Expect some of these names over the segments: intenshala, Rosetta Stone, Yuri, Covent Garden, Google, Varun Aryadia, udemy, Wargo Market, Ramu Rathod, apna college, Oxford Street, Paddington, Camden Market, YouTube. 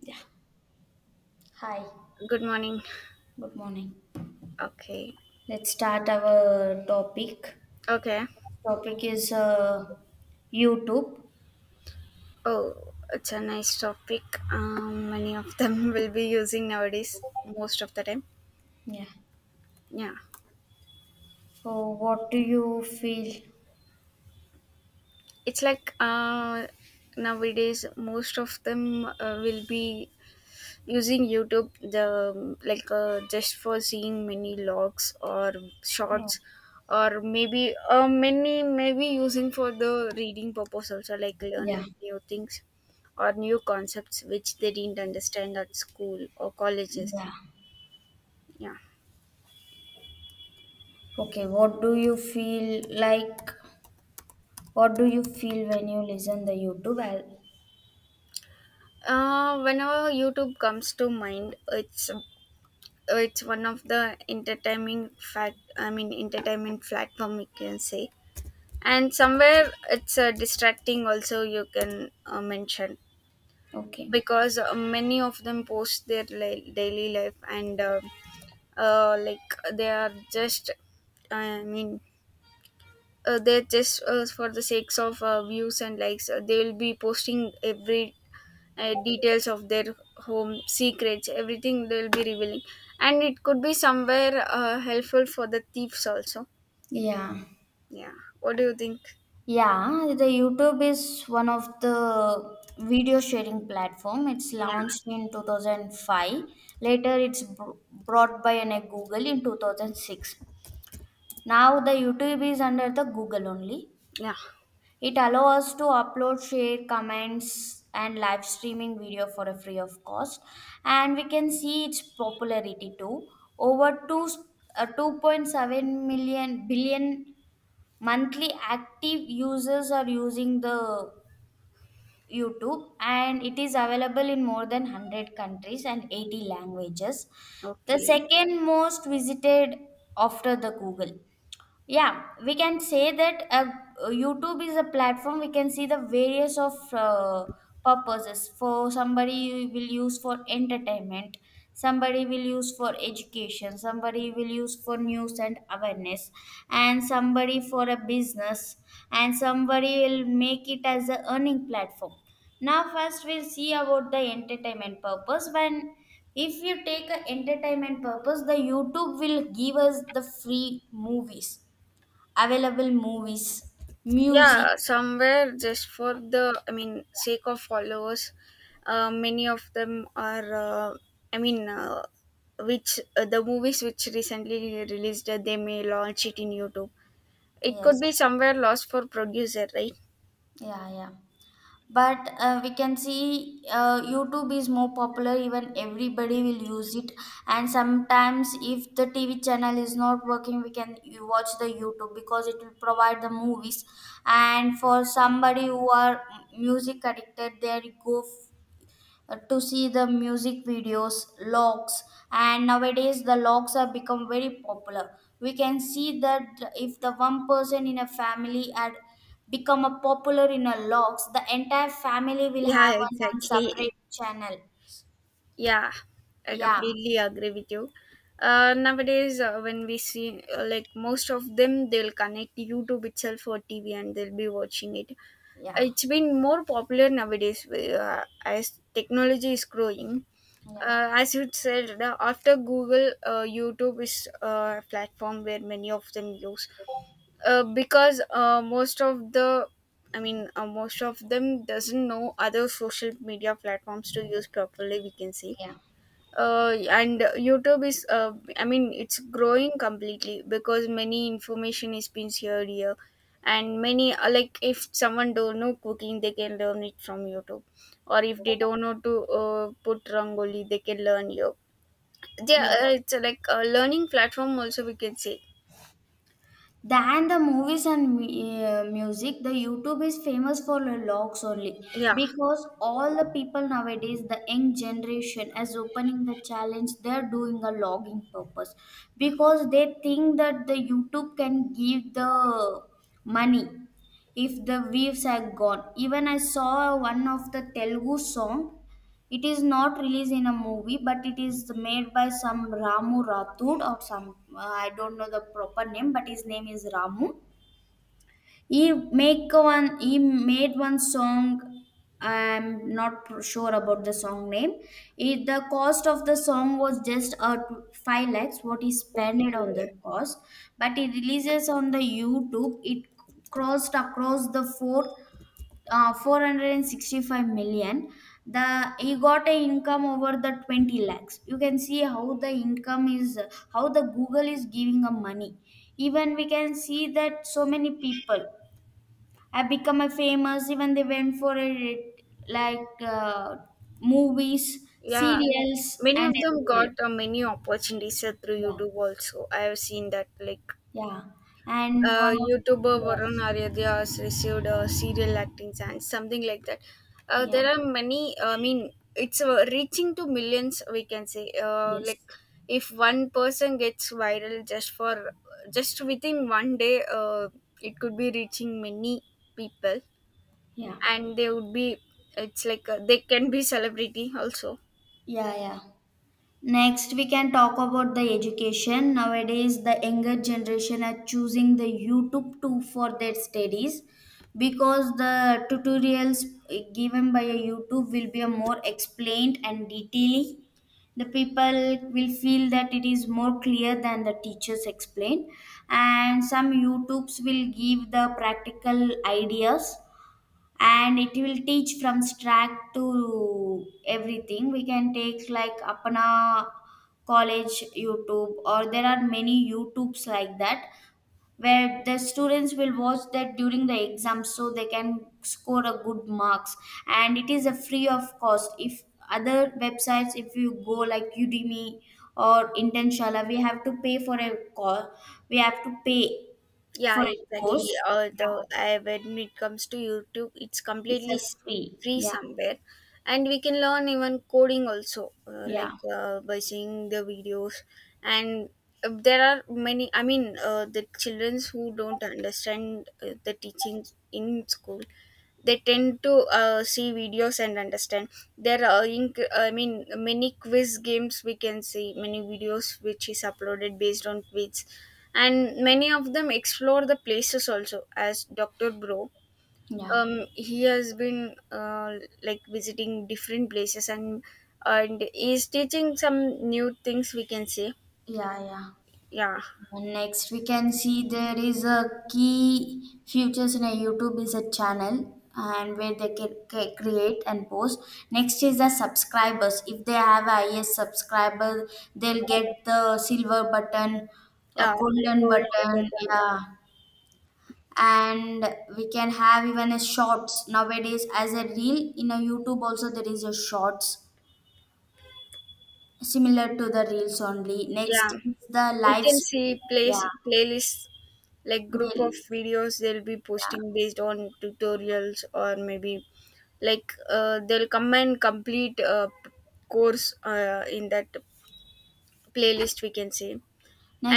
Yeah. Hi. Good morning. Good morning. Okay. Let's start our topic. Okay. Topic is YouTube. Oh, it's a nice topic. Many of them will be using nowadays, most of the time. Yeah. Yeah. So, what do you feel? It's like nowadays, most of them will be using youtube the just for seeing many logs or Yeah. shorts, or maybe many maybe using for the reading purpose also, like learning Yeah. new things or new concepts which they didn't understand at school or colleges. Yeah. Yeah. Okay. What do you feel like? What do you feel when you listen the YouTube? I Whenever youtube comes to mind, it's one of the entertaining fact I mean entertainment platform we can say, and somewhere it's distracting also, you can mention. Okay. Because many of them post their daily life and like they are just, i mean they're just for the sakes of views and likes, they will be posting every details of their home secrets, everything they'll be revealing. And it could be somewhere helpful for the thieves also. Yeah. Yeah. What do you think? Yeah, the YouTube is one of the video sharing platform. It's Yeah, launched in 2005. Later, it's brought by a Google in 2006. Now, the YouTube is under the Google only. yeah. It allows us to upload, share comments, and live streaming video for a free of cost. And we can see its popularity too. Over 2.7 million billion monthly active users are using the YouTube, and it is available in more than 100 countries and 80 languages. The Okay. second most visited after the Google. Yeah, we can say that youtube is a platform. We can see the various of purposes. For somebody will use for entertainment, somebody will use for education, somebody will use for news and awareness, and somebody for a business, and somebody will make it as a earning platform. Now first, we'll see about the entertainment purpose. When if you take a entertainment purpose, the youtube will give us the free movies, available movies, Yeah, music. somewhere just for the, sake of followers. Many of them are i mean uh, which the movies which recently released, they may launch it in youtube. It could be Yes, somewhere lost for producer, right? yeah, yeah. But we can see YouTube is more popular, even everybody will use it. And sometimes, if the TV channel is not working, we can you watch the YouTube because it will provide the movies. And for somebody who are music addicted, they go to see the music videos, logs. And nowadays the logs have become very popular. We can see that if the one person in a family had become a popular in a logs, the entire family will Yeah, have on one exactly. separate channel. Yeah, I Yeah. completely agree with you. Nowadays, when we see like most of them, they'll connect YouTube itself or TV and they'll be watching it. Yeah. It's been more popular nowadays as technology is growing. Yeah. As you said, after Google, YouTube is a platform where many of them use. Because most of the, most of them doesn't know other social media platforms to use properly, we can say. Yeah. And youtube is, it's growing completely because many information is being shared here. And many like if someone don't know cooking, they can learn it from youtube, or if they don't know to put rangoli, they can learn here. Yeah, Yeah. It's like a learning platform also, we can say. Than the movies and music, the youtube is famous for the logs only Yeah. because all the people nowadays, the young generation as opening the challenge, they're doing a logging purpose because they think that the youtube can give the money if the views are gone. Even I saw one of the telugu song. It is not released in a movie, but it is made by some Ramu Rathod or some I don't know the proper name, but his name is Ramu. He make one. He made one song. I'm not sure about the song name. The cost of the song was just 5 lakhs. What he spent on the Okay. cost, but he releases on the YouTube. It crossed across the four 465 million. The he got a income over the 20 lakhs. You can see how the income is, how the google is giving a money. Even we can see that so many people have become a famous. Even they went for a like movies, Yeah, serials, many and of them everywhere. got many opportunities through Yeah. youtube also, I have seen that, like Yeah. And one of. YouTuber Varun Yes. Aryadia has received a serial acting chance, something like that. Yeah. There are many. I mean, it's reaching to millions, we can say, Yes. like, if one person gets viral just for, just within one day, it could be reaching many people, Yeah. and they would be. It's like they can be celebrity also. Yeah. Yeah. Next, we can talk about the education. Nowadays, the younger generation are choosing the YouTube too for their studies because the tutorials given by a YouTube will be a more explained and detailed. The people will feel that it is more clear than the teachers explain, and some YouTubes will give the practical ideas, and it will teach from track to everything. We can take like apna college youtube or there are many youtubes like that where the students will watch that during the exam so they can score a good marks. And it is a free of cost. If other websites if you go like udemy or intenshala, we have to pay Yeah, for a exactly. course. Although Yeah, I, when it comes to YouTube, it's it's completely a free. free Yeah. somewhere. And we can learn even coding also, Yeah. By seeing the videos. And there are many. I mean, the childrens who don't understand the teachings in school, they tend to see videos and understand. There are many quiz games, we can see many videos which is uploaded based on quiz. And many of them explore the places also, as dr bro. Yeah, He has been like visiting different places, and is teaching some new things, we can see. yeah, yeah. Yeah, And next, we can see there is a key features in a YouTube is a channel and where they can create and post. Next is the subscribers. If they have a IS subscriber, they'll get the silver button, a yeah. golden Gold button. button. Yeah, and we can have even a shorts nowadays as a reel in a YouTube. Also, there is a shorts similar to the reels only. Yeah, Next is the we live can stream. see place Yeah. playlists, like group of Playlist. videos they'll be Yeah. posting based on tutorials, or maybe like they'll come and complete a course in that playlist, we can say.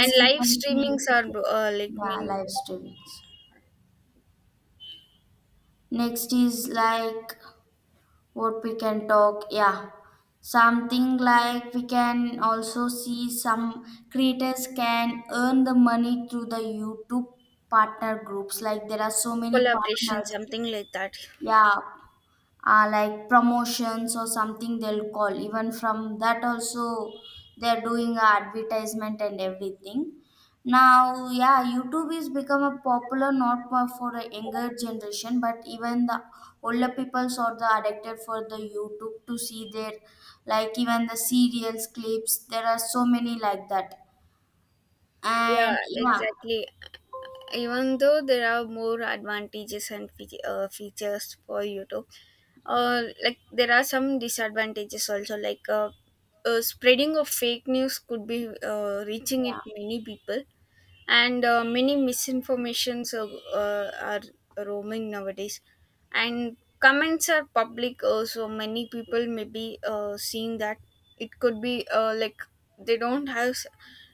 And live becomes streamings maybe, are like yeah, mean live streamings. Next is like what we can talk. Yeah. Something like we can also see some creators can earn the money through the YouTube partner groups. Like there are so many collaboration, partners. something like that. Yeah, like promotions or something they'll call even from that also. They're doing a advertisement and everything now. Yeah, youtube is become a popular, not for a younger generation, but even the older peoples are the addicted for the youtube to see their, like, even the serials clips. There are so many like that. Yeah, And yeah. exactly. Even though there are more advantages and features for youtube, like there are some disadvantages also, like spreading of fake news could be reaching it Yeah. many people. And many misinformations uh, are roaming nowadays. And comments are public, so many people may be seeing that. It could be like, they don't have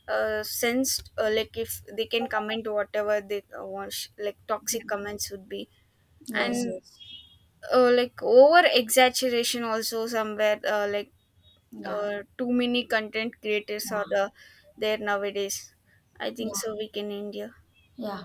sense, like if they can comment whatever they want, like toxic comments would be. Yes. And Yes. Like over exaggeration also somewhere, Yeah. Too many content creators are Yeah. the, there nowadays. I think Yeah. so we can end here. Yeah.